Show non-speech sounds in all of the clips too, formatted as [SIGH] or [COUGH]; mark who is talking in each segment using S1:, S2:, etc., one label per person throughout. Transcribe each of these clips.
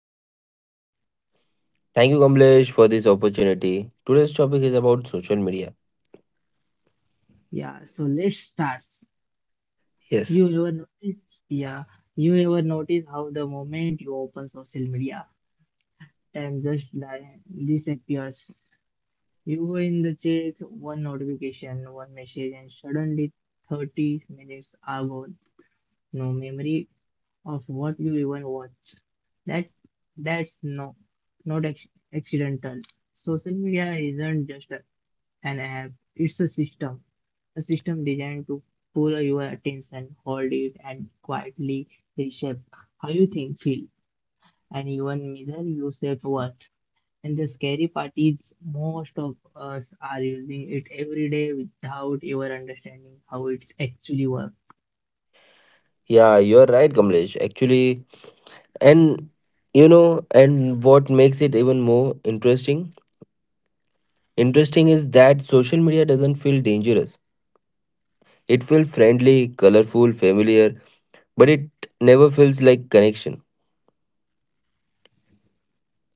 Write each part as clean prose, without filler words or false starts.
S1: Sairaj.
S2: Thank you, Kamlesh, for this opportunity. Today's topic is about social media.
S1: Yeah, so let's start.
S2: Yes.
S1: You ever notice? Yeah, you ever notice how the moment you open social media, time just disappears. You were in the chat, one notification, one message, and suddenly 30 minutes are gone. No memory of what you even watched. That that's not accidental. Social media isn't just an app. It's a system designed to pull your attention, hold it, and quietly reshape how you think, feel, and even measure your self worth. And the scary part is most of us are using it every day without ever understanding how it actually works.
S2: Yeah, you're right, Kamlesh. Actually, and and what makes it even more interesting? Interesting is that social media doesn't feel dangerous. It feels friendly, colorful, familiar, but it never feels like connection.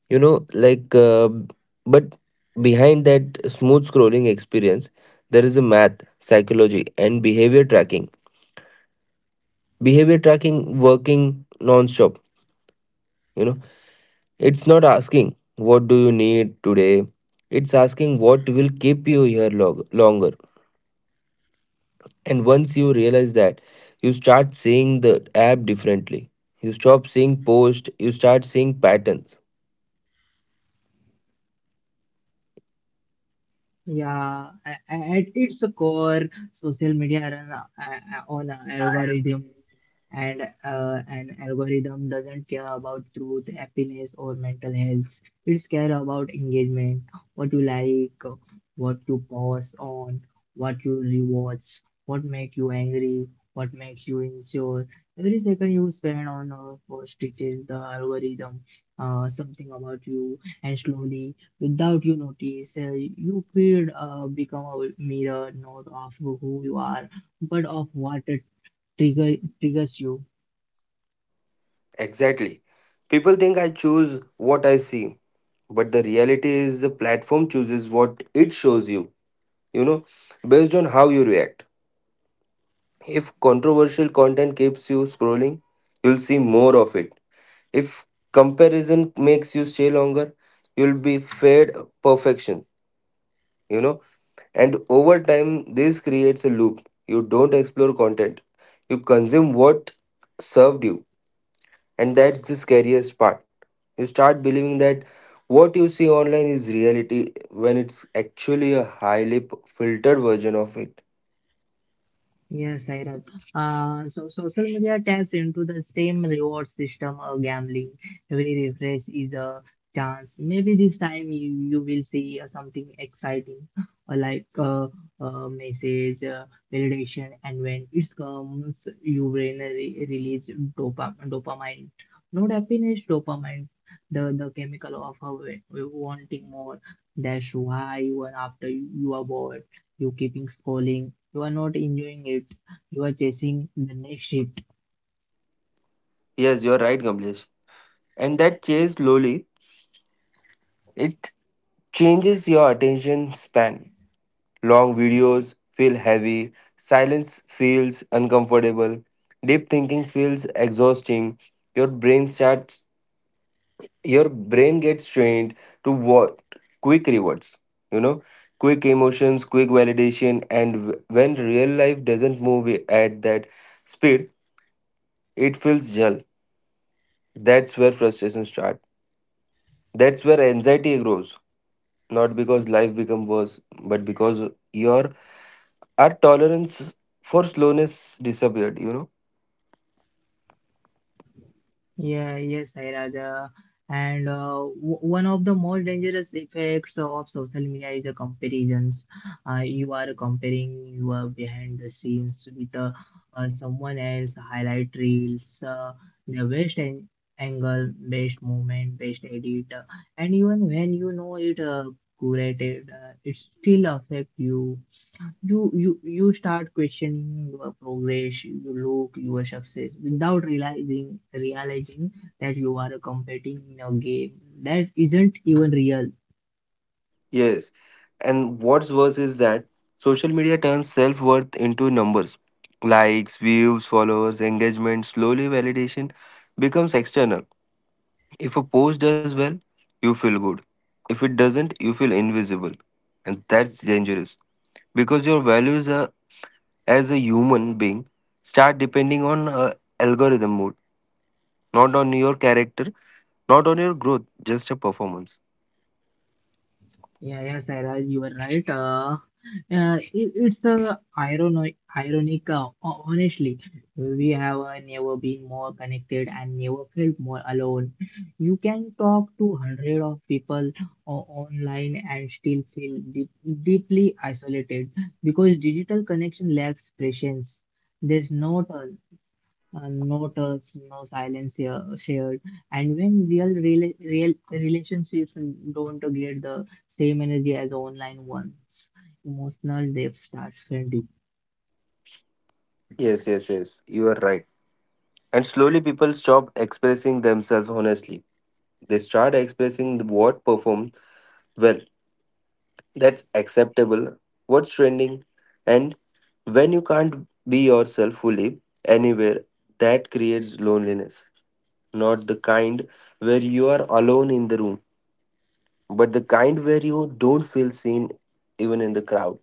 S2: You know, like, uh, but behind that smooth scrolling experience, there is a math, psychology, and behavior tracking. Behavior tracking working non-stop. You know, it's not asking what do you need today. It's asking what will keep you here longer. And once you realize that, you start seeing the app differently. You stop seeing posts, you start seeing patterns.
S1: Yeah, at its core, social media run on an algorithm, and an algorithm doesn't care about truth, happiness, or mental health. It's care about engagement, what you like, what you pause on, what you rewatch, what make you angry, what makes you insecure. Every second you spend on a post teaches the algorithm something about you, and slowly, without you notice, you feed become a mirror not of who you are, but of what trigger, triggers you.
S2: Exactly. People think I choose what I see, but the reality is the platform chooses what it shows you, you know, based on how you react. If controversial content keeps you scrolling, you'll see more of it. If comparison makes you stay longer, you'll be fed perfection, you know. And over time, this creates a loop. You don't explore content, you consume what served you. And that's the scariest part. You start believing that what you see online is reality when it's actually a highly filtered version of it.
S1: Yes, Sairaj. So social media taps into the same reward system of gambling. Every refresh is a chance. Maybe this time you will see something exciting, like a message, validation, and when it comes, your brain re release dopamine. Not happiness, dopamine, the chemical of wanting more. That's why even after you are bored, you keeping scrolling you are not enjoying it. You are chasing the next shift.
S2: Yes, you're right, Kamlesh. And that change slowly, it changes your attention span. Long videos feel heavy, silence feels uncomfortable, deep thinking feels exhausting. Your brain starts your brain gets trained to what quick rewards, you know, quick emotions, quick validation, and when real life doesn't move at that speed, it feels dull. That's where frustration starts. That's where anxiety grows, not because life becomes worse, but because your our tolerance for slowness disappeared, you know?
S1: Yeah, yes, Sai Raja. And one of the most dangerous effects of social media is a comparisons. You are comparing your behind the scenes with someone else, highlight reels, the best angle, best moment, best edit, and even when you know it curated, it still affect you. You start questioning your progress, you look your success without realizing that you are competing in a game that isn't even real.
S2: Yes. And what's worse is that social media turns self worth into numbers, likes, views, followers, engagement. Slowly, validation becomes external. If a post does well, you feel good. If it doesn't, you feel invisible. And that's dangerous because your values are, as a human being, start depending on algorithm mode, not on your character, not on your growth, just a performance.
S1: Yeah, yeah, Sarah, you were right. It's ironic. Honestly, we have never been more connected and never felt more alone. You can talk to hundred of people online and still feel deeply isolated because digital connection lacks presence. There's no talks, no silence here shared. And when real relationships don't get the same energy as online ones, emotional depth starts fading.
S2: Yes, yes, yes. You are right. And slowly people stop expressing themselves honestly. They start expressing what performed well, that's acceptable, what's trending. And when you can't be yourself fully anywhere, that creates loneliness. Not the kind where you are alone in the room, but the kind where you don't feel seen even in the crowd.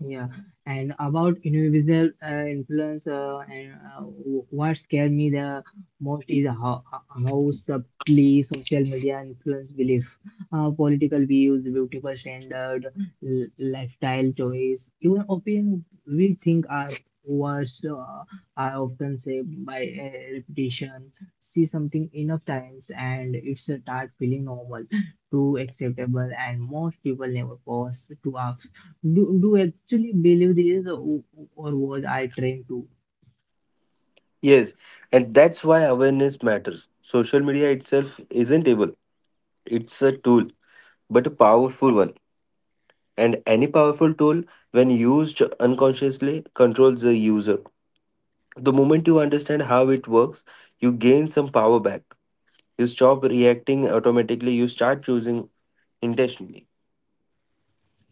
S1: Yeah, and about individual influence, and what scared me the most is how subtly social media influence belief, political views, beautiful standard, lifestyle choice, even opinion we think are worse are often shaped by repetition. See something enough times, and it's a start feeling normal, true, acceptable, and most people never pause to ask, do you actually believe this, or was I trained to?
S2: Yes, and that's why awareness matters. Social media itself isn't able. It's a tool, but a powerful one. And any powerful tool, when used unconsciously, controls the user. The moment you understand how it works, you gain some power back. You stop reacting automatically, you start choosing intentionally.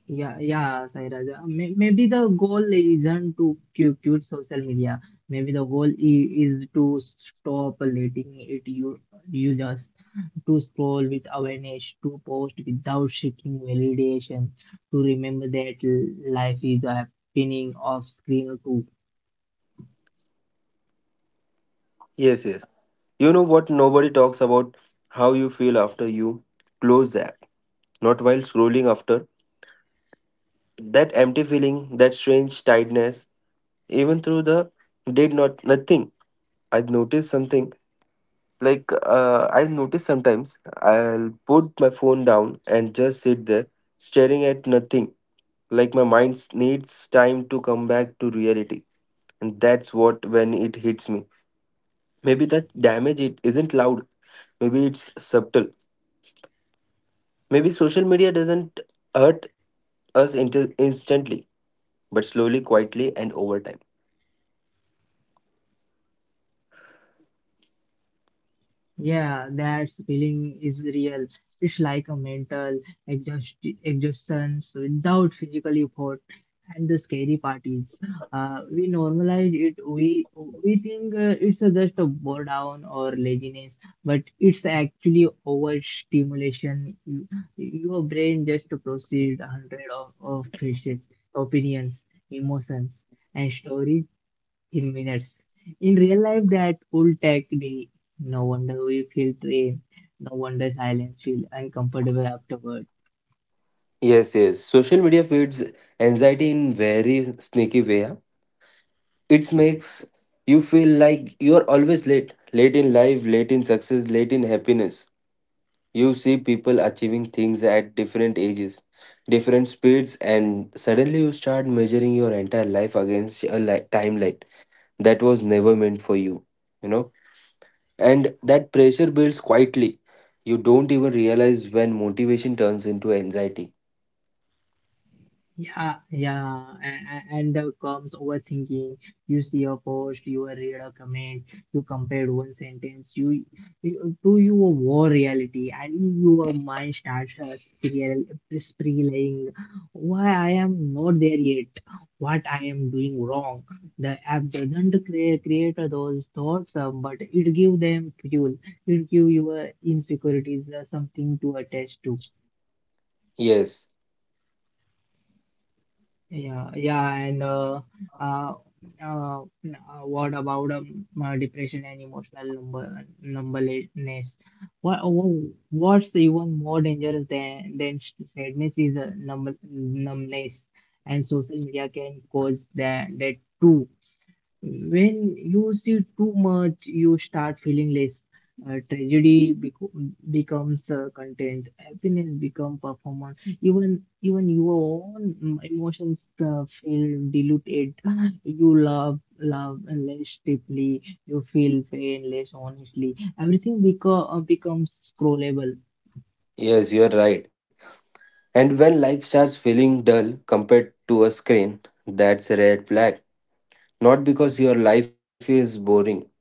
S1: Yeah, yeah, Sairaj. Maybe the goal isn't to quit social media. Maybe the goal is to stop letting it you use us, to scroll with awareness, to post without seeking validation, to remember that life is a happening off screen too.
S2: Yes, yes. You know what? Nobody talks about how you feel after you close the app, not while scrolling after. That empty feeling, that strange tiredness, even through the did not nothing. I noticed something. Like I notice sometimes I'll put my phone down and just sit there staring at nothing. Like my mind needs time to come back to reality, and that's what when it hits me. Maybe that damage it isn't loud. Maybe it's subtle. Maybe social media doesn't hurt us instantly, but slowly, quietly, and over time.
S1: Yeah, that feeling is real. It's like a mental exhaust exhaustion without physical effort. And the scary part is, we normalize it. We think it's just a boredom or laziness, but it's actually overstimulation. Your brain just processed hundred of faces, opinions, emotions, and stories in minutes. In real life, that would take day. No wonder we feel drained. No wonder silence feel uncomfortable afterward.
S2: Yes, yes. Social media feeds anxiety in very sneaky way, huh? It makes you feel like you're always late in life, late in success, late in happiness. You see people achieving things at different ages, different speeds, and suddenly you start measuring your entire life against a timeline that was never meant for you, you know? And that pressure builds quietly. You don't even realize when motivation turns into anxiety.
S1: Yeah, yeah, and, and comes overthinking. You see a post, you read a comment, you compare one sentence, you to your war reality, and your mind starts spiral, spiraling. Why I am not there yet? What I am doing wrong? The app doesn't create those thoughts, but it give them fuel. It give your insecurities something to attach to.
S2: Yes,
S1: Yeah, yeah, and uh, what about depression and emotional number numbness? What's even more dangerous than sadness is numbness, and social media can cause that too. When you see too much, you start feeling less. Tragedy becomes content. Happiness become performance. Even your own emotions feel diluted. You love less deeply. You feel pain less honestly. Everything becomes scrollable.
S2: yes, you're right. And when life starts feeling dull compared to a screen, that's a red flag. Not because your life is boring,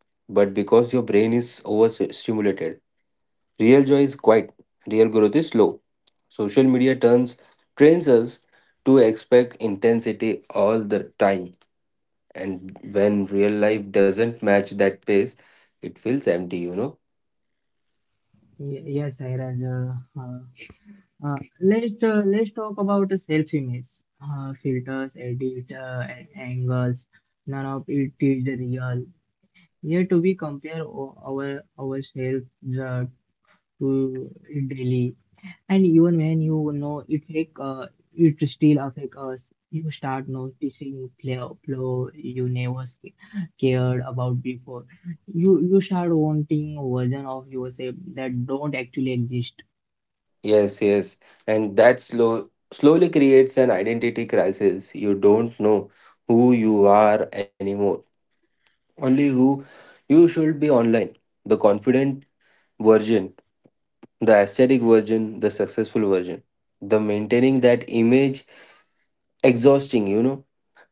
S2: but because your brain is overstimulated. Real joy is quiet, real growth is slow. Social media turns trains us to expect intensity all the time. And when real life doesn't match that pace, it feels empty, you know?
S1: Yes, Sairaj. Let's talk about the self-image, filters, edit, angles. None of it is real. Here to be compare ourselves uh, to it daily, and even when you know it fake, it still affect us. You start noticing flow you never cared about before. You start wanting version of yourself that don't actually exist.
S2: Yes, yes. And that slowly creates an identity crisis. You don't know who you are anymore, only who you should be online. The confident version, the aesthetic version, the successful version. The maintaining that image exhausting, you know,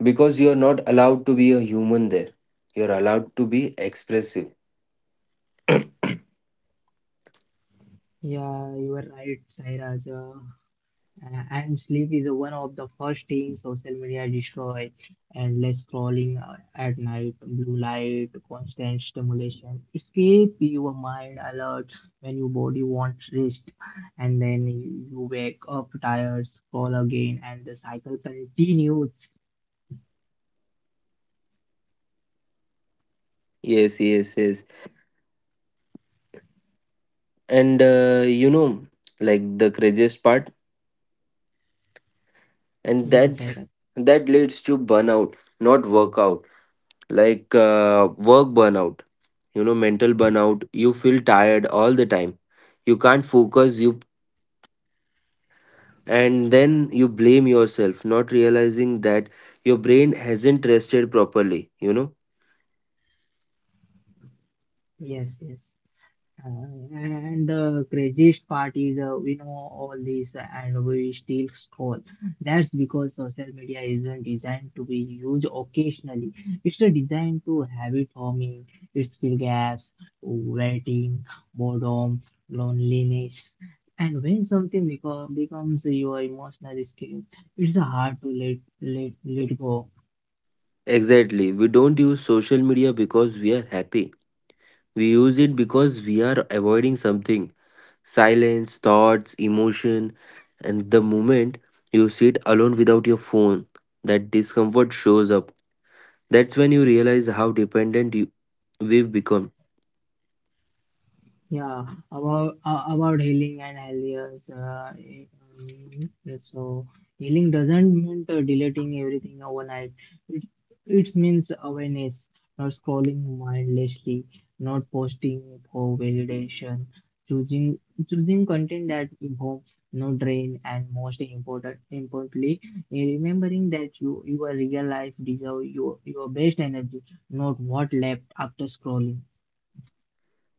S2: because you're not allowed to be a human there. You're allowed to be expressive.
S1: Yeah, you are right, Sairaj. And sleep is one of the first things social media destroy. Endless scrolling at night, blue light, constant stimulation. Escape your mind alert when your body wants rest, and then you wake up tired, scroll again, and the cycle continues.
S2: Yes, yes, yes. And the craziest part, and
S1: Yes,
S2: that's
S1: Sairaj.
S2: that leads to burnout, not workout. Like work burnout, you know, mental burnout. You feel tired all the time. You can't focus. You And then you blame yourself, not realizing that your brain hasn't rested properly, you know?
S1: Yes, yes. Uh, and the craziest part is we know all this and we still scroll. That's because social media isn't designed to be used occasionally. It's designed to habit forming, it's fill gaps, waiting, boredom, loneliness. And when something becomes your emotional escape, it's hard to let go.
S2: Exactly, we don't use social media because we are happy, we use it because we are avoiding something, silence, thoughts, emotion. And the moment you sit alone without your phone, that discomfort shows up. That's when you realize how dependent we've become.
S1: Yeah, about healing and healers. Um, so healing doesn't mean deleting everything overnight. It it means awareness, not scrolling mindlessly, not posting for validation, choosing choosing content that informs, no drain, and most importantly, remembering that your real life deserve your best energy, not what left after scrolling.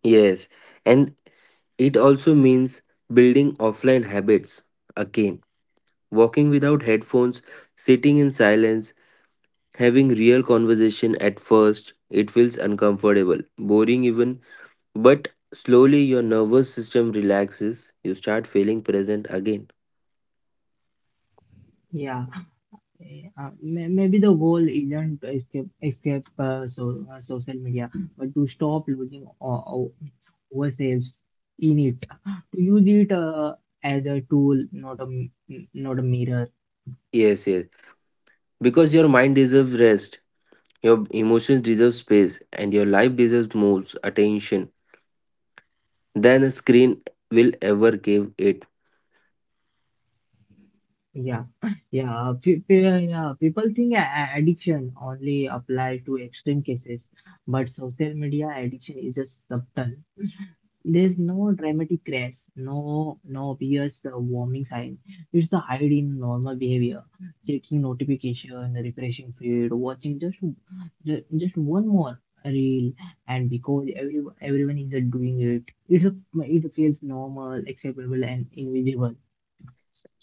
S2: Yes, and it also means building offline habits again, walking without headphones, sitting in silence, having real conversation. At first, it feels uncomfortable, boring even, but slowly your nervous system relaxes, you start feeling present again.
S1: Yeah. Yeah. Maybe the goal isn't to escape social media, but to stop losing ourselves in it, to use it as a tool, not not a mirror.
S2: Yes, yes. Because your mind deserves rest, your emotions deserve space, and your life deserves more attention than a screen will ever give it.
S1: Yeah, yeah. Yeah. People think addiction only applies to extreme cases, but social media addiction is just subtle. There's no dramatic crash, no obvious warming sign. It's the hide in normal behavior, checking notification, refreshing feed, watching just one more reel, and because everyone is doing it, it feels normal, acceptable, and invisible.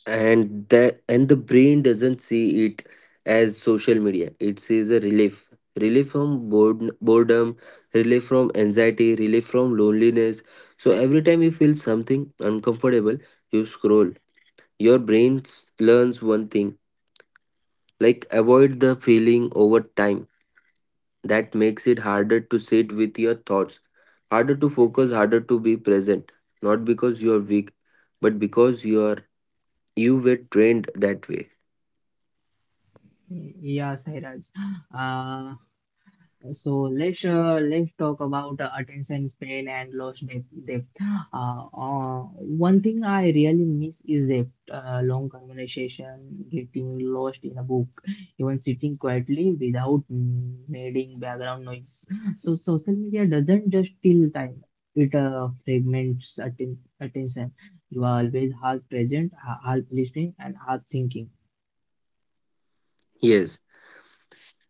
S2: And the brain doesn't see it as social media, it sees a relief, relief from boredom, relief from anxiety, relief from loneliness. So every time you feel something uncomfortable, you scroll. Your brain learns one thing, like avoid the feeling. Over time, that makes it harder to sit with your thoughts, harder to focus, harder to be present, not because you are weak, but because you were trained that way.
S1: Yeah, Sairaj. Uh, So let's talk about attention span and lost depth. One thing I really miss is depth. Long conversation, getting lost in a book, even sitting quietly without making background noise. So social media doesn't just steal time; it fragments attention. You are always half present, half listening, and half thinking.
S2: Yes.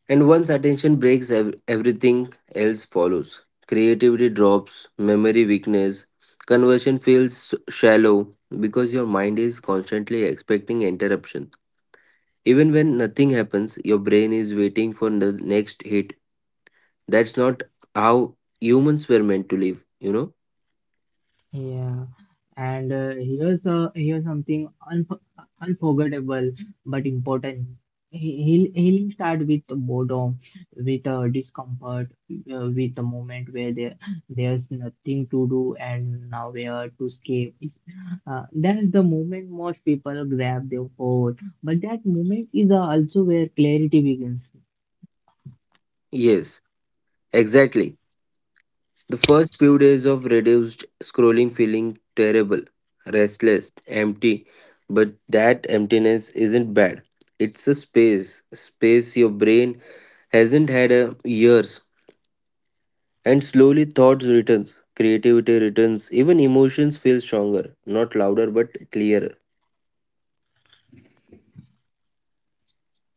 S2: And once attention breaks, everything else follows. Creativity drops, memory weakness, conversion feels shallow because your mind is constantly expecting interruption. Even when nothing happens, your brain is waiting for the next hit. That's not how humans were meant to live, you know?
S1: Yeah, and here's a here's something unforgettable but important. Healing start with boredom, with discomfort, with a moment where there's nothing to do and nowhere to escape. That's the moment most people grab their phone, but that moment is also where clarity begins.
S2: Yes, exactly. The first few days of reduced scrolling feeling terrible, restless, empty, but that emptiness isn't bad. It's a space, space your brain hasn't had a years. And slowly thoughts returns, creativity returns, even emotions feel stronger, not louder but clearer.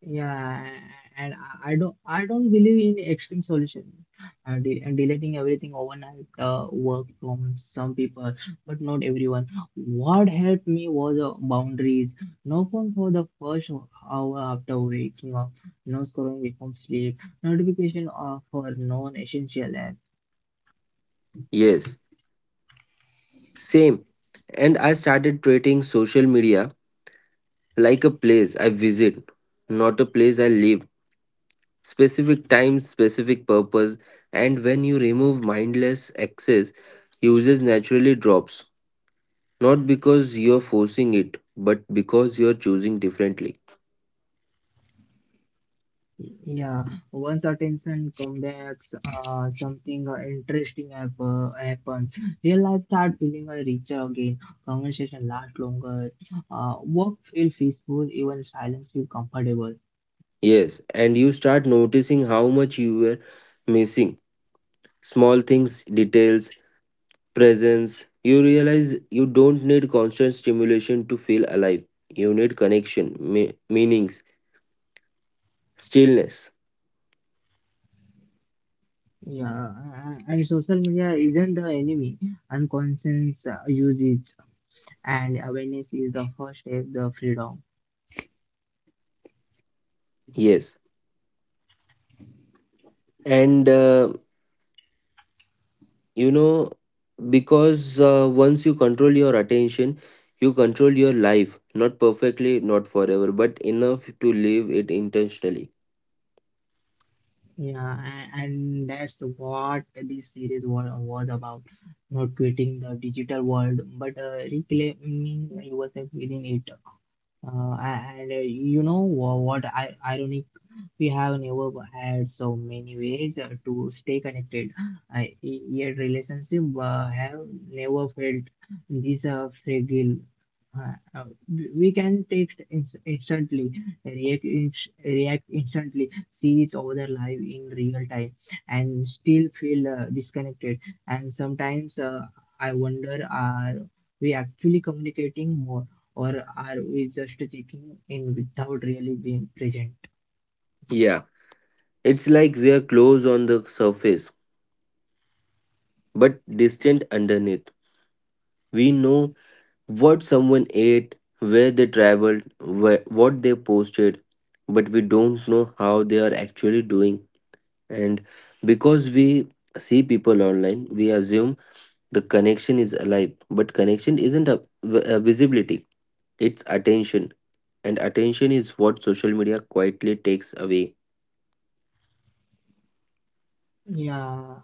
S1: Yeah, and I don't believe in extreme solution, de and deleting everything overnight work from some people, but not everyone. What helped me was boundaries. No phone for the first hour after waking up. No scrolling before sleep. Notification for non-essential.
S2: Yes, same. And I started treating social media like a place I visit, not a place I live. Specific time, specific purpose, and when you remove mindless access, usage naturally drops. Not because you're forcing it, but because you're choosing differently.
S1: Yeah, once attention comes back, something interesting happens. Real life start feeling richer again. Conversation last longer. Work feel peaceful. Even silence feel comfortable.
S2: Yes, and you start noticing how much you were missing. Small things, details, presence. You realize you don't need constant stimulation to feel alive. You need connection, meanings, stillness.
S1: Yeah, and social media isn't the enemy. Unconscious use it, and awareness is the first step. The freedom.
S2: Yes. And you know because once you control your attention, you control your life, not perfectly, not forever, but enough to live it intentionally.
S1: Yeah, and that's what this series was about. Not quitting the digital world, but reclaiming yourself within it. Uh, and you know what? I Ironic, we have never had so many ways to stay connected. Yet relationship have never felt this fragile. We can text instantly, react instantly, see each other live in real time, and still feel disconnected. And sometimes I wonder, are we actually communicating more? Or are we just checking in without really being present?
S2: Yeah, it's like we are close on the surface but distant underneath. We know what someone ate, where they traveled, what they posted, but we don't know how they are actually doing. And because we see people online, we assume the connection is alive, but connection isn't a visibility, it's attention. And attention is what social media quietly takes away.
S1: Yeah,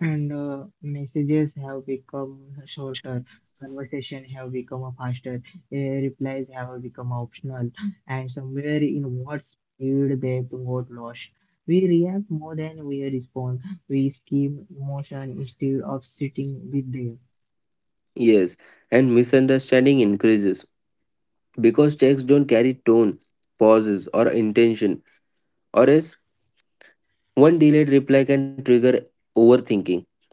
S1: and messages have become shorter, conversation have become a faster, replies have become optional, and somewhere in what speed they got lost. We react more than we respond. We skim emotion instead of sitting with them.
S2: Yes, and misunderstanding increases because texts don't carry tone, pauses, or intention, or else one delayed reply can trigger overthinking.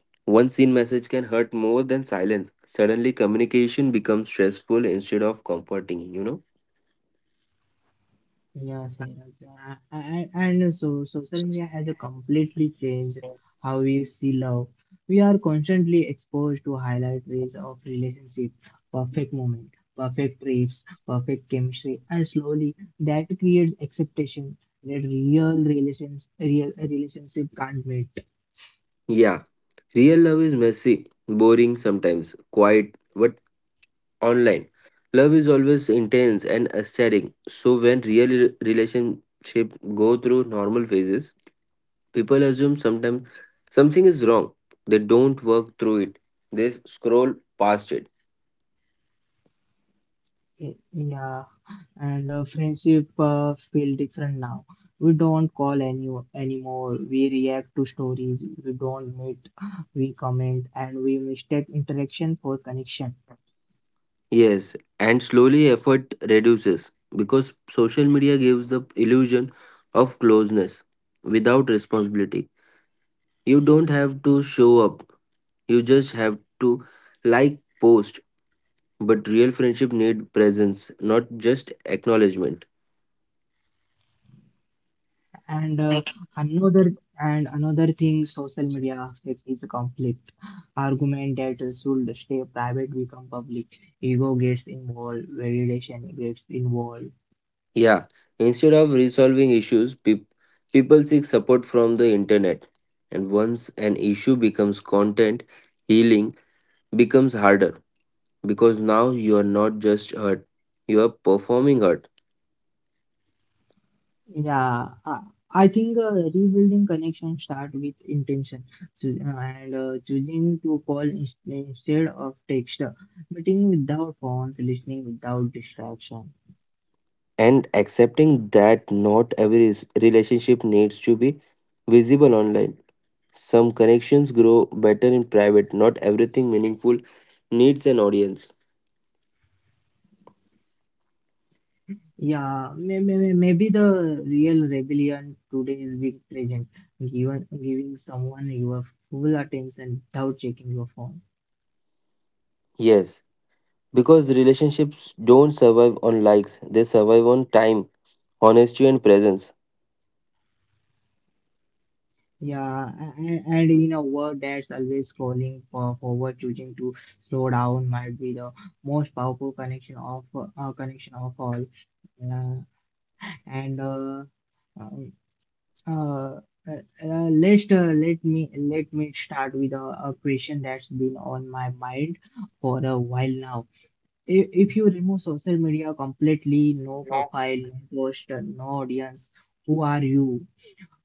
S2: One seen message can hurt more than silence. Suddenly, communication becomes stressful instead of comforting, you know?
S1: Yeah, Sairaj. And so social media has a completely changed how we see love. We are constantly exposed to highlight ways of relationship, perfect moment, perfect trips, perfect chemistry, and slowly that creates expectation that real relationship can't meet.
S2: Yeah. Real love is messy, boring sometimes, quiet, but online. Love is always intense and aesthetic. So when real relationship go through normal phases, people assume sometimes something is wrong. They don't work through it. They scroll past it.
S1: Yeah, and friendship feel different now. We don't call anymore. We react to stories. We don't meet. We comment, and we mistake interaction for connection.
S2: Yes, and slowly effort reduces because social media gives the illusion of closeness without responsibility. You don't have to show up. You just have to like post. But real friendship need presence, not just acknowledgement.
S1: And another thing, social media affect is a conflict. Argument that should stay private become public. Ego gets involved. Validation gets involved.
S2: Yeah, instead of resolving issues, people seek support from the internet. And once an issue becomes content, healing becomes harder because now you are not just hurt, you are performing hurt.
S1: Yeah, I think rebuilding connection start with intention, so, and choosing to call instead of text, meeting without phones, listening without distraction.
S2: And accepting that not every relationship needs to be visible online. Some connections grow better in private, not everything meaningful needs an audience.
S1: Yeah, maybe the real rebellion today is being present, giving someone your full attention without checking your phone.
S2: Yes, because relationships don't survive on likes, they survive on time, honesty, and presence.
S1: Yeah, and in a world that's always scrolling for forward, choosing to slow down might be the most powerful connection of all. Uh, and um, let let me start with a question that's been on my mind for a while now. If you remove social media completely, no profile, no post, no audience, who are you?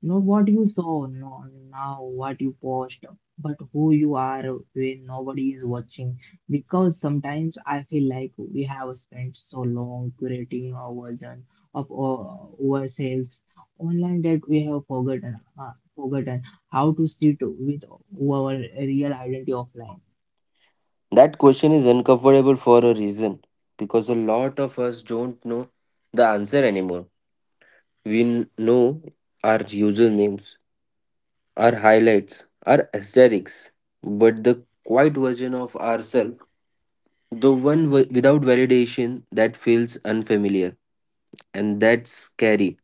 S1: Not what you saw, not now what you post, but who you are when nobody is watching. Because sometimes I feel like we have spent so long curating our version of ourselves online that we have forgotten how to sit with our real identity offline.
S2: That question is uncomfortable for a reason because a lot of us don't know the answer anymore. We know our usernames, our highlights, our aesthetics, but the quiet version of ourselves, the one without validation, that feels unfamiliar, and that's scary.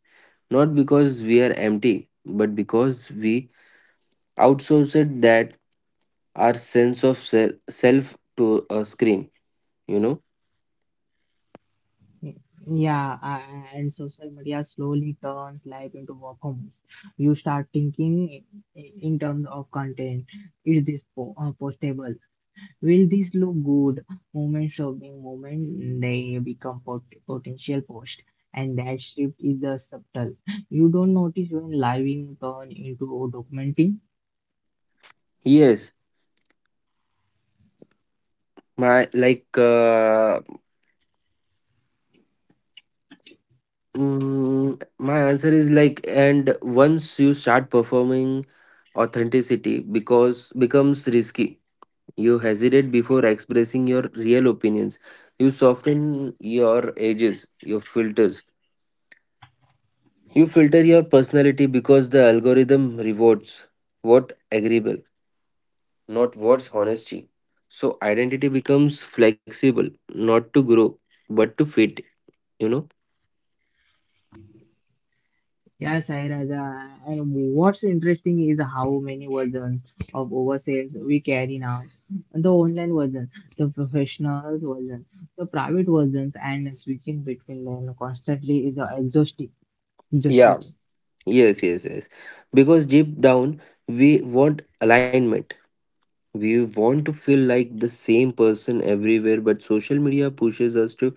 S2: Not because we are empty, but because we outsourced that our sense of self to a screen, you know?
S1: Y- Yeah, and social media slowly turns life into performance. You start thinking in terms of content. Is this po postable? Will this look good? Moment showing moment, they become potential post. And that shift is a subtle. You don't notice when living turn into documenting.
S2: Yes. My like uh, mm, my answer is like, and once you start performing authenticity because becomes risky, you hesitate before expressing your real opinions, you soften your edges, your filters, you filter your personality because the algorithm rewards what agreeable, not what's honesty. So identity becomes flexible, not to grow, but to fit, you know?
S1: Yeah, Sairaj, and what's interesting is how many versions of overseas we carry now. The online version, the professional version, the private versions, and switching between them constantly is exhausting.
S2: Yeah,
S1: exhausting.
S2: yes. Because deep down, we want alignment. We want to feel like the same person everywhere, but social media pushes us to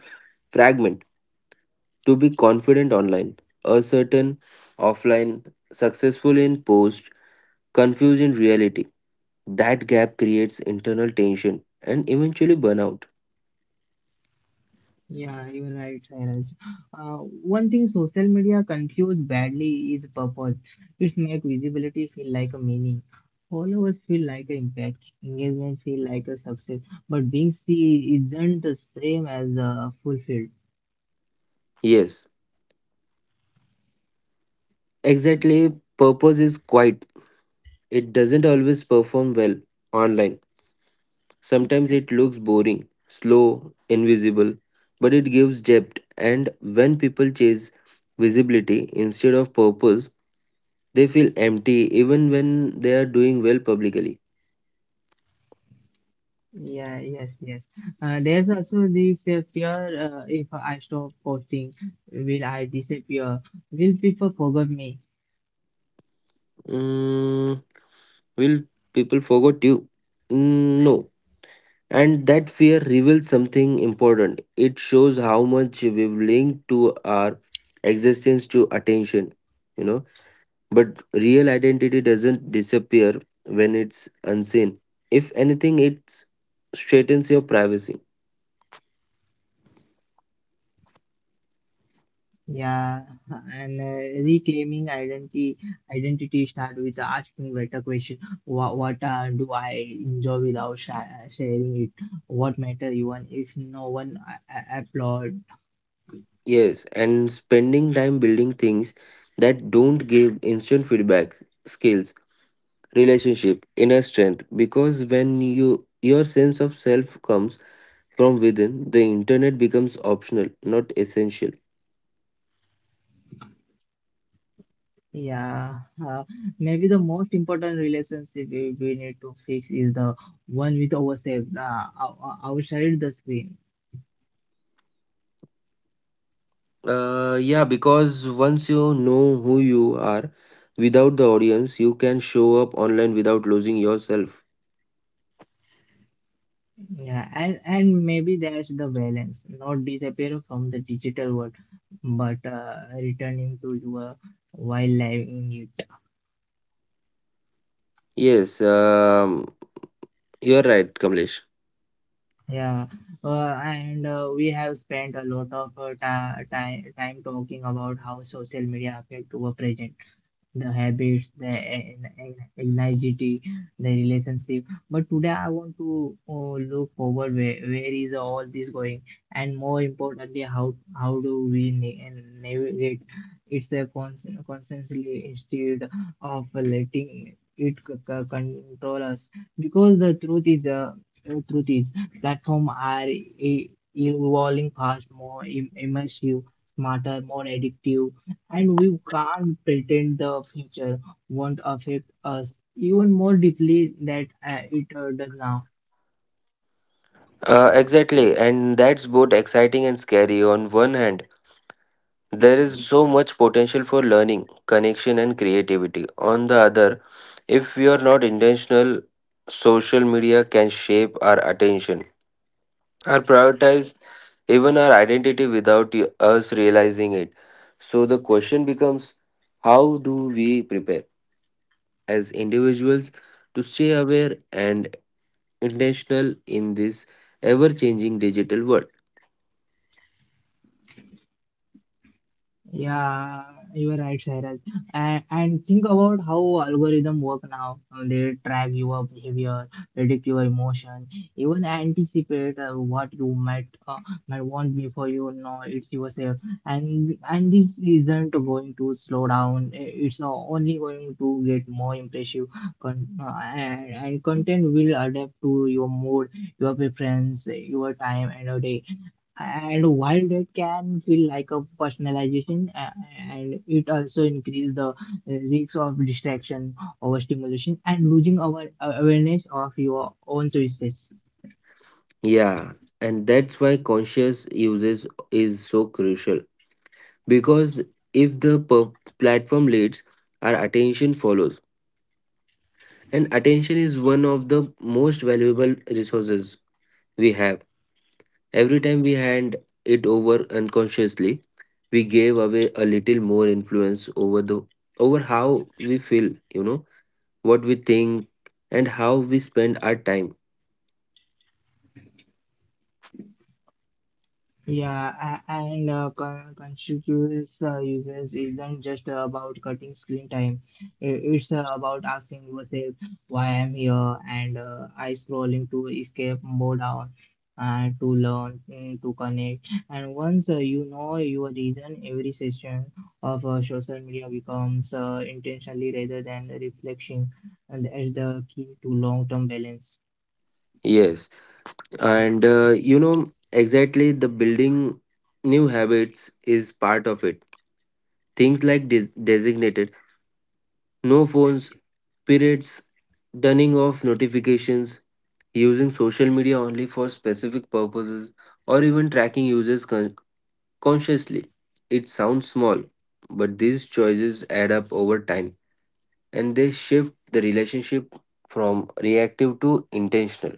S2: fragment, to be confident online, certain offline, successful in post, confused in reality. That gap creates internal tension and eventually burnout.
S1: Yeah, you're right, Sairaj. Uh, One thing social media confuse badly is purpose. It make visibility feel like a meaning. Followers feel like an impact. Engagement feel like a success. But being seen isn't the same as fulfilled.
S2: Yes. Exactly, purpose is quiet. It doesn't always perform well online. Sometimes it looks boring, slow, invisible, but it gives depth. And when people chase visibility instead of purpose, they feel empty even when they are doing well publicly.
S1: Yeah, yes, yes. There's also this fear: if I stop posting, will I disappear? Will people forget me?
S2: Mm, will people forget you? Mm, no. And that fear reveals something important. It shows how much we've linked to our existence to attention, you know. But real identity doesn't disappear when it's unseen. If anything, it straightens your privacy.
S1: Yeah, [LAUGHS] and reclaiming identity start with asking better question. What do I enjoy without sh sharing it? What matter even if no one applaud?
S2: Yes, and spending time building things that don't give instant feedback, skills, relationship, inner strength, because when your sense of self comes from within, the internet becomes optional, not essential.
S1: Yeah, uh, maybe the most important relationship we need to fix is the one with ourselves, outside the screen.
S2: Yeah, because once you know who you are, without the audience, you can show up online without losing yourself.
S1: Yeah, and maybe that's the balance, not disappear from the digital world, but returning to your while living it.
S2: Yes, you're right, Kamlesh.
S1: Yeah, and we have spent a lot of time talking about how social media affect our present, the habits, the anxiety, the relationship. But today I want to look forward, where is all this going, and more importantly, how do we navigate? It's a constantly instead of letting it control us, because the truth is, platform are evolving fast, more immersive, smarter, more addictive, and we can't pretend the future won't affect us even more deeply that it does now.
S2: Exactly, and that's both exciting and scary. On one hand, there is so much potential for learning, connection, and creativity. On the other, if we are not intentional, social media can shape our attention are prioritized, even our identity without us realizing it. So the question becomes how do we prepare as individuals to stay aware and intentional in this ever changing digital world?
S1: Yeah, you are right, Shairaj. And think about how algorithm work now. They track your behavior, predict your emotion, even anticipate what you might want before you know it's yourself. And this isn't going to slow down. It's only going to get more impressive. And content will adapt to your mood, your preference, your time, and your day. And while that can feel like a personalization, and it also increases the risk of distraction, overstimulation, and losing our awareness of your own choices.
S2: Yeah, and that's why conscious usage is so crucial because if the platform leads, our attention follows. And attention is one of the most valuable resources we have. Every time we hand it over unconsciously, we gave away a little more influence over the over how we feel, you know, what we think and how we spend our time.
S1: Yeah, conspicuous users isn't just about cutting screen time. It's about asking yourself why I'm here and I scrolling to escape more down and to learn to connect. And once you know your reason, every session of social media becomes intentionally rather than reflection, and that's the key to long-term balance.
S2: Yes, and you know exactly the building new habits is part of it. Things like designated no phones, periods, turning off notifications, using social media only for specific purposes, or even tracking users consciously. It sounds small, but these choices add up over time and they shift the relationship from reactive to intentional.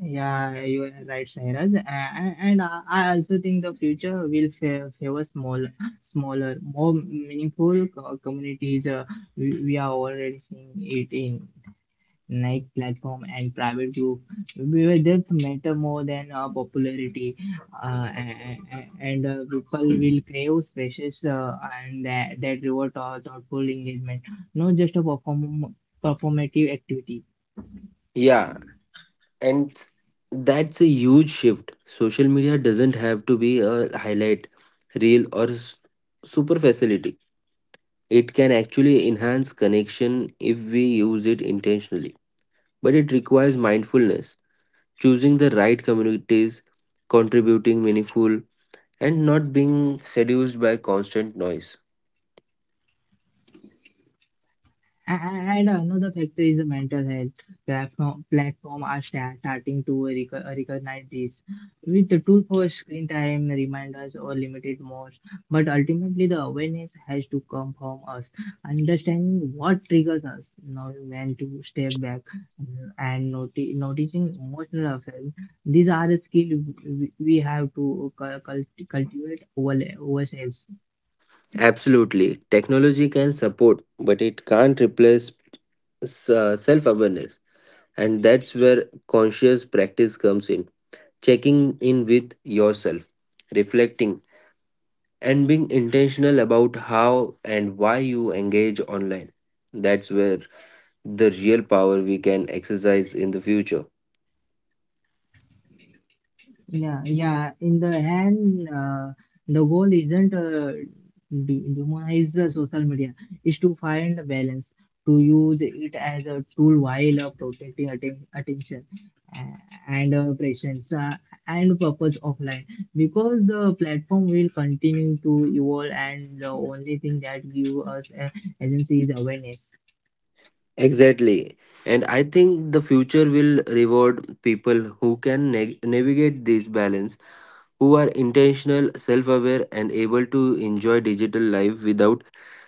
S1: Yeah, you are right, Sairaj. And I also think the future will favor smaller, more meaningful communities. We are already seeing it in night platform and private group where depth matter more than popularity. And People will crave spaces and that reward thoughtful engagement, not just a performative activity.
S2: Yeah, and that's a huge shift. Social media doesn't have to be a highlight reel or superficiality. It can actually enhance connection if we use it intentionally. But it requires mindfulness, choosing the right communities, contributing meaningful and not being seduced by constant noise.
S1: A- And another factor is the mental health. Platform are starting to recognize this with the tool for screen time reminders or limited modes. But ultimately, the awareness has to come from us, understanding what triggers us, knowing when to step back, and noticing emotional effects. These are the skills we have to cultivate over ourselves.
S2: Absolutely, technology can support, but it can't replace self awareness. And that's where conscious practice comes in, checking in with yourself, reflecting, and being intentional about how and why you engage online. That's where the real power we can exercise in the future.
S1: Yeah, yeah. In the end, the goal isn't demonize the social media, is to find a balance, to use it as a tool while protecting attention and presence and purpose offline. Because the platform will continue to evolve, and the only thing that give us agency is awareness.
S2: Exactly. And I think the future will reward people who can navigate this balance, who are intentional, self aware, and able to enjoy digital life without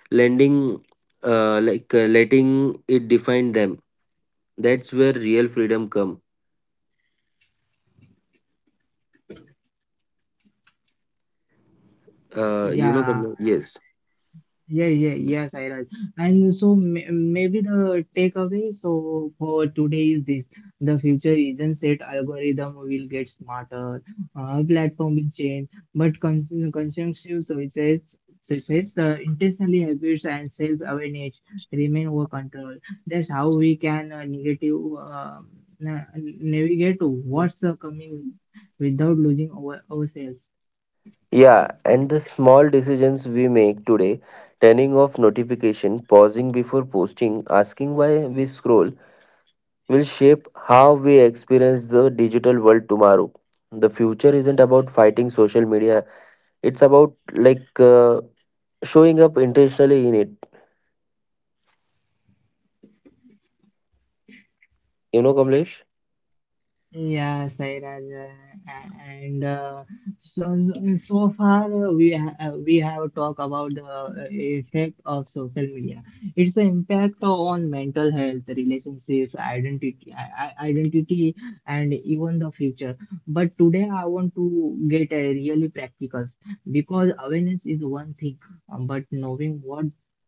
S2: lending, letting it define them. That's where real freedom come. You know,
S1: Yeah.
S2: Kamlesh? Yes.
S1: Yeah, yeah, yes, I Sairaj. And so maybe the takeaway so for today is this: the future isn't set. Algorithm will get smarter, platform will change, but conscientious choices, intentionally habits and self-awareness remain our control. That's how we can negative na navigate what's coming without losing ourselves.
S2: Yeah, and the small decisions we make today, turning off notification, pausing before posting, asking why we scroll, will shape how we experience the digital world tomorrow. The future isn't about fighting social media, it's about showing up intentionally in it. You know, Kamlesh?
S1: Yes, right. And so so far, we have talked about the effect of social media. Its impact on mental health, relationships, identity, and even the future. But today I want to get really practical because awareness is one thing, but knowing what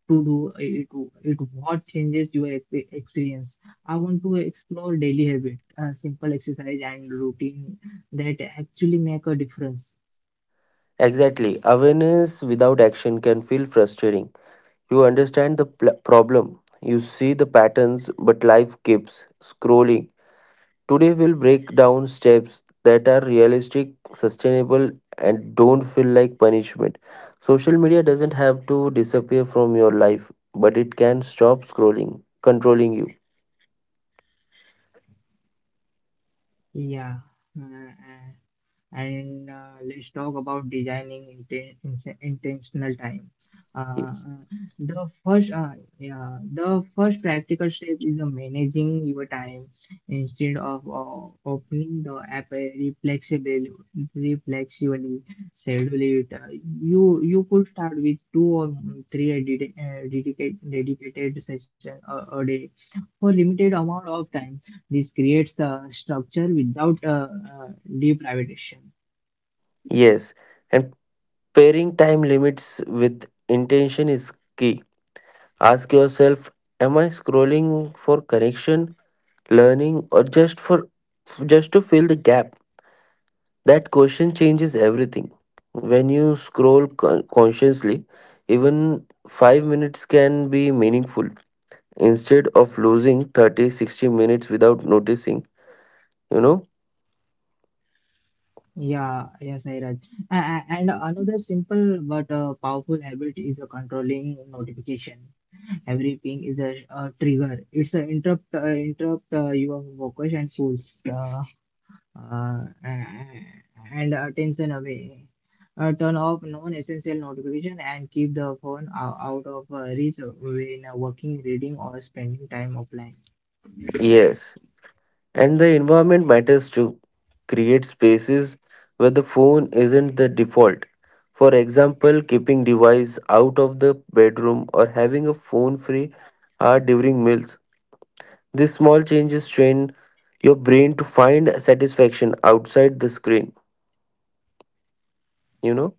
S1: to do, it what changes your experience. I want to explore daily habit, simple exercise and routine that actually make a difference.
S2: Exactly. Awareness without action can feel frustrating. You understand the problem, you see the patterns, but life keeps scrolling. Today, we'll break down steps that are realistic, sustainable, and don't feel like punishment. Social media doesn't have to disappear from your life, but it can stop scrolling, controlling you.
S1: Yeah, uh, and let's talk about designing intentional time. Uh,
S2: Yes.
S1: the first, uh, yeah, the first practical step is managing your time instead of opening the app reflexively, schedule it. You could start with two or three dedicated session a day for limited amount of time. This creates a structure without deprivation.
S2: Yes. And pairing time limits with intention is key. Ask yourself, am I scrolling for connection, learning, or just to fill the gap? That question changes everything. When you scroll consciously, even 5 minutes can be meaningful instead of losing 30, 60 minutes without noticing, you know?
S1: Yeah, yes, Nairaj. And another simple but powerful habit is a controlling notification. Every ping is a trigger. It's a interrupt your focus and pulls uh, and attention away. Turn off non-essential notification and keep the phone out of reach when working, reading, or spending time offline.
S2: Yes. And the environment matters too. Create spaces where the phone isn't the default. For example, keeping device out of the bedroom or having a phone free hour during meals. These small changes train your brain to find satisfaction outside the screen, you know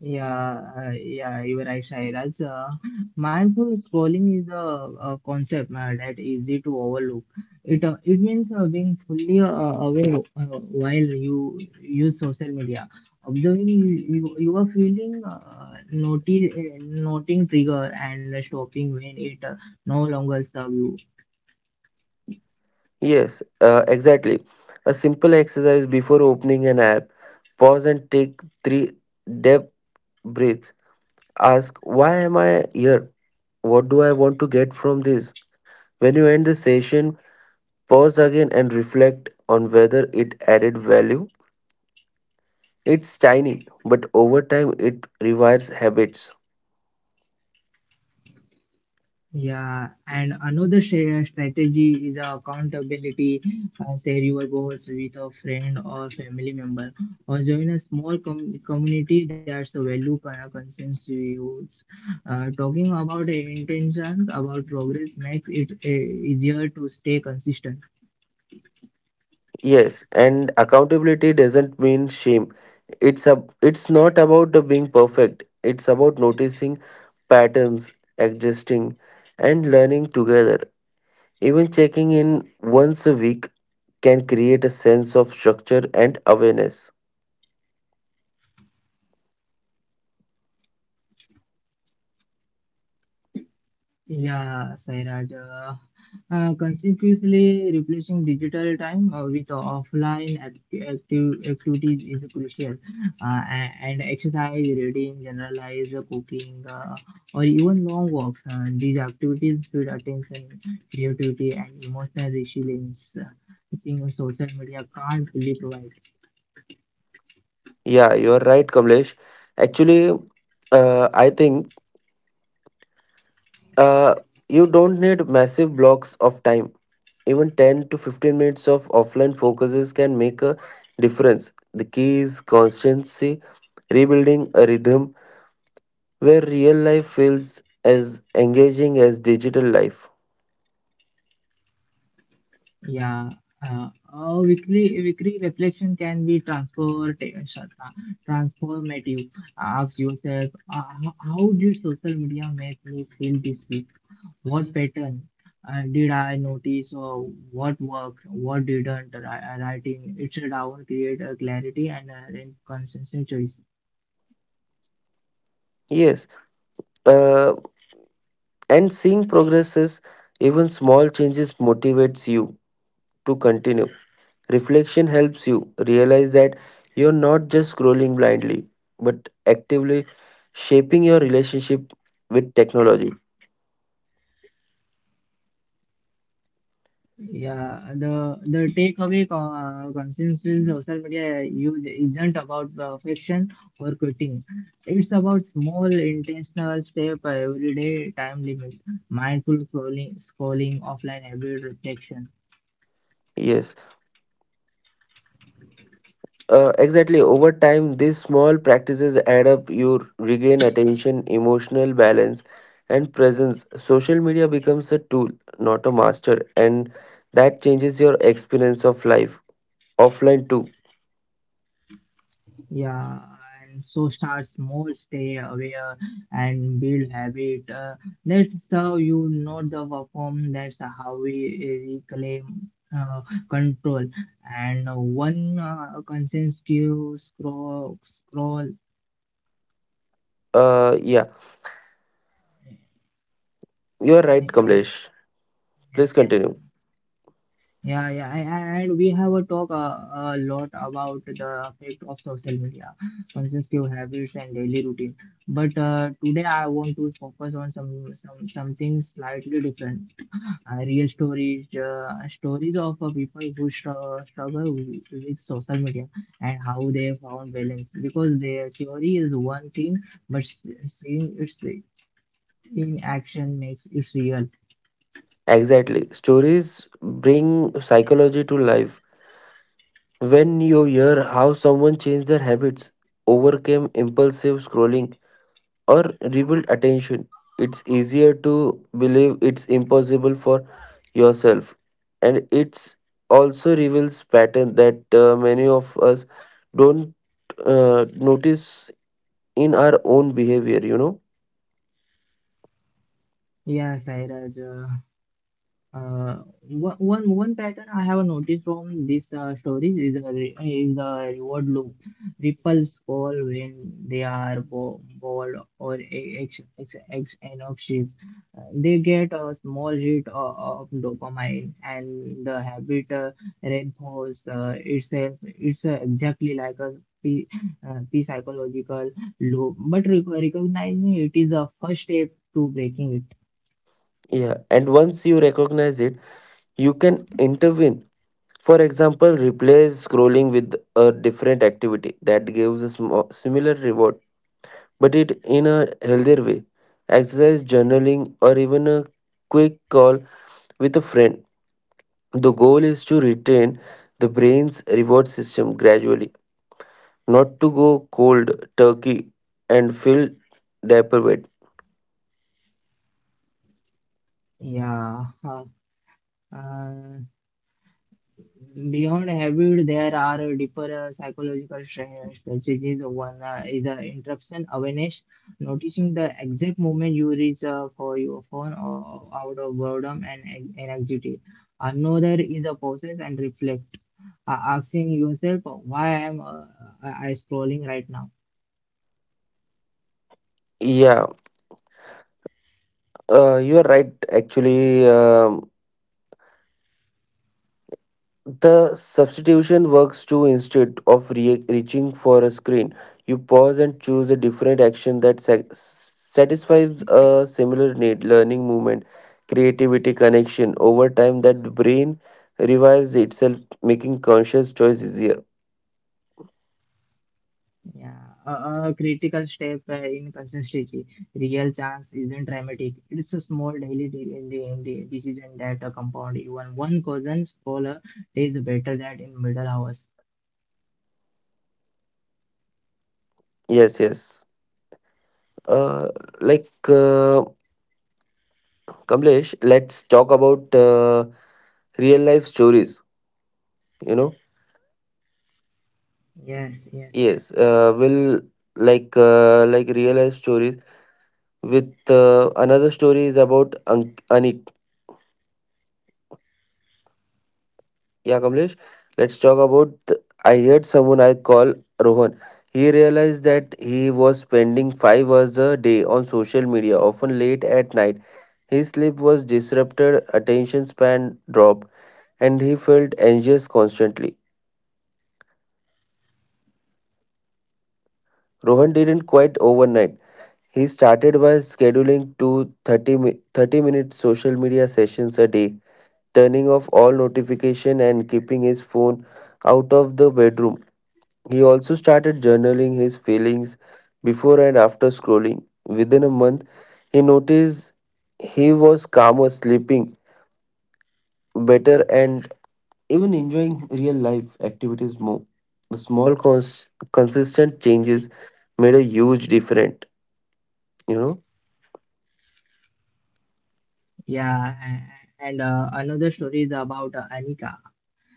S1: Yeah, you're right, Shairaj. Mindful scrolling is a concept that easy to overlook. It means being fully aware while you use social media, observing you are feeling, noting trigger and stopping when it no longer serve you.
S2: yes, exactly. A simple exercise: before opening an app, pause and take three deep breaths. Ask, why am I here? What do I want to get from this? When you end the session, pause again and reflect on whether it added value. It's tiny, but over time it rewires habits.
S1: Yeah, and another strategy is accountability. Share your goals with a friend or family member, or join a small community that's a value consensus use. Talking about intentions, about progress makes it easier to stay consistent.
S2: Yes, and accountability doesn't mean shame. It's not about the being perfect. It's about noticing patterns, adjusting and learning together. Even checking in once a week can create a sense of structure and awareness.
S1: Yeah, Sairaj. Consequently, replacing digital time with offline active activities is crucial. And exercise, reading, generalize, cooking, or even long walks. These activities build attention, creativity, and emotional resilience. I think social media can't really provide.
S2: Yeah, you're right, Kamlesh. Actually, I think uh, you don't need massive blocks of time. Even 10 to 15 minutes of offline focuses can make a difference. The key is constancy, rebuilding a rhythm where real life feels as engaging as digital life.
S1: Yeah, weekly reflection can be transformative, transformative. Ask yourself, how did social media make me feel this week? What pattern did I notice, or what worked, what didn't? Writing it down create a clarity and a consistent choice.
S2: Yes, uh, and seeing progresses, even small changes motivates you to continue. Reflection helps you realize that you're not just scrolling blindly, but actively shaping your relationship with technology.
S1: Yeah, the consensus is social media use isn't about perfection or quitting. It's about small intentional step every day, time limit, mindful scrolling offline habit reflection.
S2: Yes, exactly. Over time, these small practices add up. You regain attention, emotional balance, and presence. Social media becomes a tool, not a master, and that changes your experience of life offline too.
S1: Yeah, and so starts more stay aware and build habit. That's how you know the perform. That's how we reclaim uh, control. And one conscious skill scroll.
S2: Yeah, you're right, Kamlesh. Please continue.
S1: Yeah, yeah, and we have a talk a lot about the effect of social media, consumptive habits and daily routine. But today I want to focus on something slightly different, real stories, stories of people who struggle with social media and how they found balance. Because their theory is one thing, but seeing it in action makes it real.
S2: Exactly. Stories bring psychology to life. When you hear how someone changed their habits, overcame impulsive scrolling, or rebuild attention. It's easier to believe it's impossible for yourself, and it's also reveals pattern that many of us don't notice in our own behavior. You know,
S1: Yeah, Sairaj, Uh, one pattern I have noticed from this stories is the reward loop. Ripples fall when they are bo bored or a- ex ex ex anxious. They get a small hit of dopamine, and the habit reinforces itself. It's exactly like a p p psychological loop, but recognizing it is the first step to breaking it.
S2: yeah. And once you recognize it, you can intervene. For example, replace scrolling with a different activity that gives a similar reward, but it in a healthier way. Exercise, journaling, or even a quick call with a friend. The goal is to retain the brain's reward system gradually, not to go cold turkey and feel deprived.
S1: Yeah. Uh, Beyond habit, there are deeper psychological strategies. One is interruption awareness, noticing the exact moment you reach for your phone or out of boredom and anxiety. Another is a process and reflect, asking yourself, why am I scrolling right now?
S2: Yeah, you are right. Actually, the substitution works too. Instead of reaching for a screen, you pause and choose a different action that satisfies a similar need: learning, movement, creativity, connection. Over time, that brain rewires itself, making conscious choice easier.
S1: Yeah, a critical step in consistency. Real chance isn't dramatic. It's a small in the decision that a compound even one cousin's bowler is better than in middle hours.
S2: Yes, yes. Uh, like uh, Kamlesh, let's talk about real life stories. You know,
S1: Yes, yes,
S2: yes.
S1: yes.
S2: Will like real life stories with another story is about An- Anik. Yeah, Kamlesh. Let's talk about. I heard someone I call Rohan. He realized that he was spending 5 hours a day on social media, often late at night. His sleep was disrupted, attention span dropped and he felt anxious constantly. Rohan didn't quit overnight. He started by scheduling 2 30-, 30-minute social media sessions a day, turning off all notification and keeping his phone out of the bedroom. He also started journaling his feelings before and after scrolling. Within a month, he noticed he was calmer, sleeping better, and even enjoying real life activities more. The small, consistent changes made a huge difference, you know.
S1: Yeah, and another story is about Anika.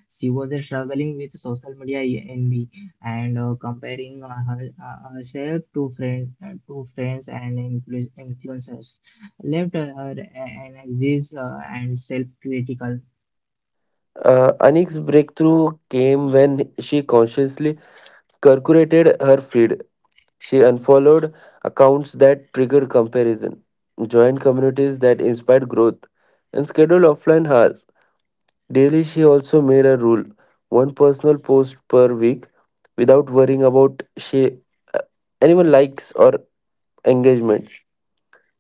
S1: She was struggling with social media envy and comparing herself to to friends and influencers, left her a- an anxious and self-critical.
S2: Anik's breakthrough came when she consciously curculated her feed. She unfollowed accounts that triggered comparison, joined communities that inspired growth, and scheduled offline hours. Daily, she also made a rule: one personal post per week without worrying about uh, anyone likes or engagement.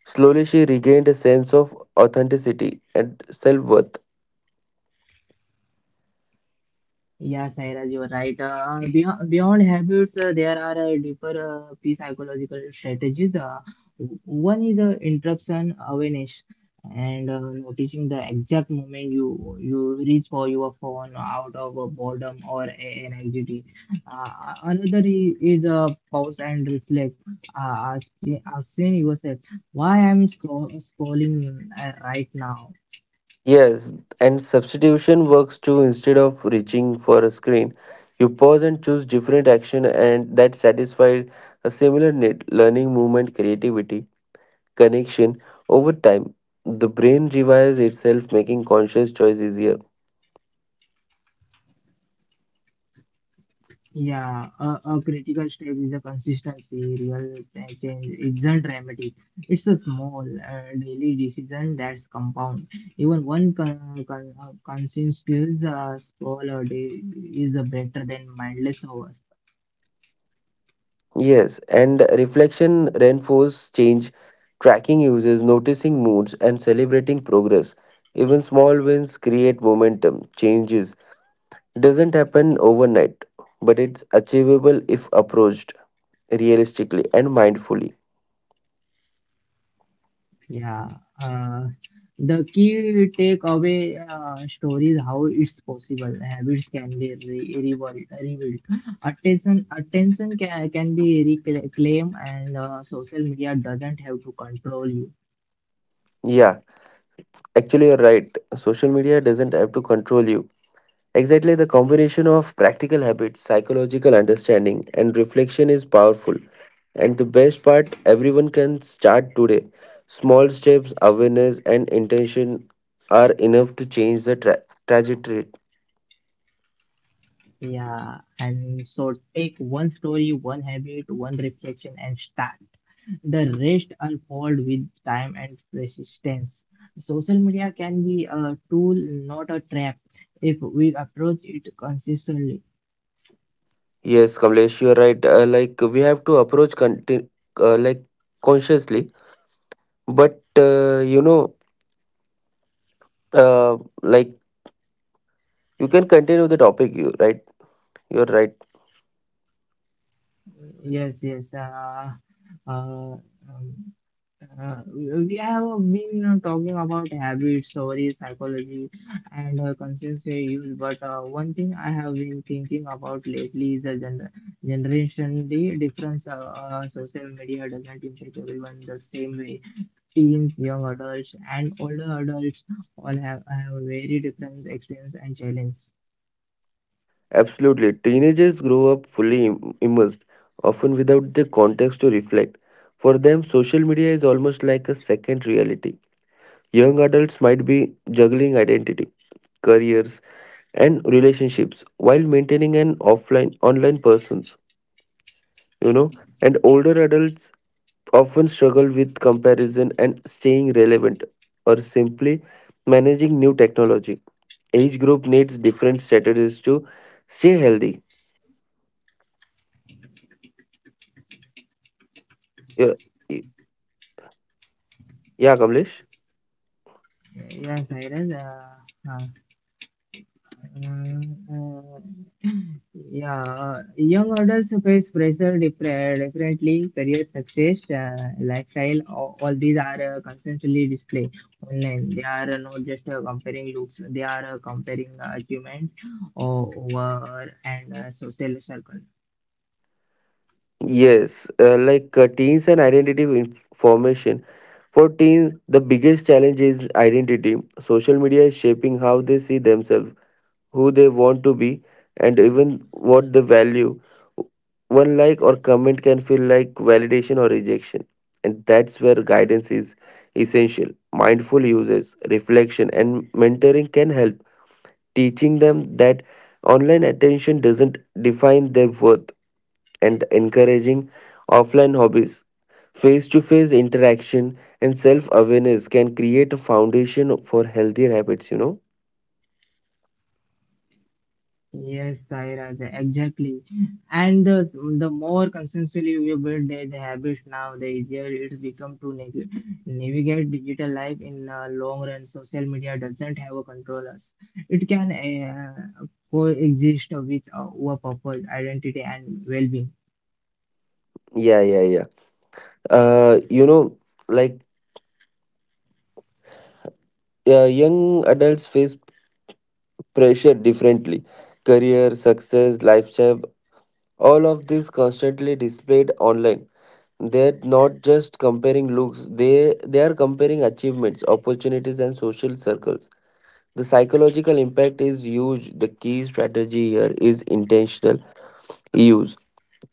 S2: Slowly, she regained a sense of authenticity and self worth.
S1: Yeah, Sairaj, you are right. Beyond habits, there are deeper P psychological strategies. One is interruption awareness and noticing the exact moment you reach for your phone out of boredom or an anxiety. Another is pause and reflect, asking yourself, why I'm scrolling right now?
S2: Yes, and substitution works too. Instead of reaching for a screen, you pause and choose different action and that satisfies a similar need: learning, movement, creativity, connection. Over time, the brain rewires itself, making conscious choice easier.
S1: Yeah, a critical step is a consistency. Real change isn't dramatic. It's a small daily decision that's compound. Even one conscious skills small a day is better than mindless hours.
S2: Yes, and reflection reinforces change, tracking uses, noticing moods, and celebrating progress. Even small wins create momentum. Changes doesn't happen overnight, but it's achievable if approached realistically and mindfully.
S1: Yeah, uh, the key takeaway story is how it's possible. Habits can be rebuilt. Attention can be reclaimed, and social media doesn't have to control you.
S2: Yeah, actually, you're right. Social media doesn't have to control you. Exactly, the combination of practical habits, psychological understanding, and reflection is powerful. And the best part, everyone can start today. Small steps, awareness, and intention are enough to change the trajectory.
S1: Yeah, and so take one story, one habit, one reflection, and start. The rest unfold with time and persistence. Social media can be a tool, not a trap, if we approach it consistently.
S2: Yes, Kamlesh, you're right. Like we have to approach conti- like consciously, but you know, uh, like you can continue the topic. You right? You're right.
S1: Yes, yes. Uh, um, we have been, you know, talking about habits, stories, psychology, and consistency use. But one thing I have been thinking about lately is the generation, the difference. Social media doesn't impact everyone the same way. Teens, young adults, and older adults all have very different experience and challenge.
S2: Absolutely. Teenagers grow up fully immersed, often without the context to reflect. For them, social media is almost like a second reality. Young adults might be juggling identity, careers, and relationships while maintaining an offline online presence, you know, and older adults often struggle with comparison and staying relevant or simply managing new technology. Each group needs different strategies to stay healthy. Yeah, yeah, Kamlesh?
S1: Yes, Cyrus. Uh, uh, Yeah, Young adults face pressure differently, career success, lifestyle, all these are constantly displayed online. They are not just comparing looks, they are comparing achievements over and social circle.
S2: Yes, teens and identity formation 14. The biggest challenge is identity. Social media is shaping how they see themselves, who they want to be, and even what they value. One like or comment can feel like validation or rejection. And that's where guidance is essential. Mindful users, reflection, and mentoring can help, teaching them that online attention doesn't define their worth and encouraging offline hobbies. Face to face interaction and self awareness can create a foundation for healthier habits, you know?
S1: Yes, Sai Raja, exactly. And the more consciously we build these habits now, the easier it's become to navigate digital life in long run. Social media doesn't have a control us. It can coexist with our purpose, identity, and well-being.
S2: Yeah, yeah, yeah. You know, like young adults face pressure differently: career, success, lifestyle, all of this constantly displayed online. They're not just comparing looks, they are comparing achievements, opportunities, and social circles. The psychological impact is huge. The key strategy here is intentional use.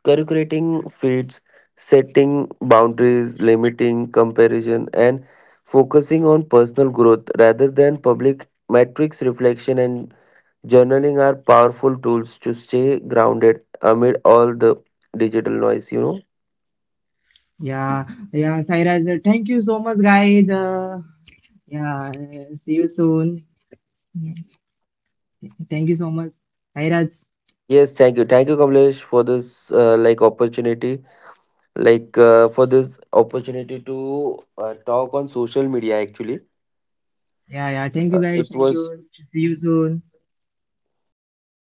S2: Calculating feeds, setting boundaries, limiting comparison, and focusing on personal growth rather than public metrics reflection and journaling are powerful tools to stay grounded amid all the digital noise, you know.
S1: Yeah, yeah, Sai Raja. Thank you so much, guys. Yeah, see you soon. Thank you so much, Sai Raj.
S2: Yes, thank you. Thank you, Kamlesh, for this opportunity, for this opportunity to talk on social media. Actually,
S1: Yeah, yeah. Thank you, guys.
S2: It
S1: Thank
S2: was.
S1: you. See you soon.
S2: Thank you. Thank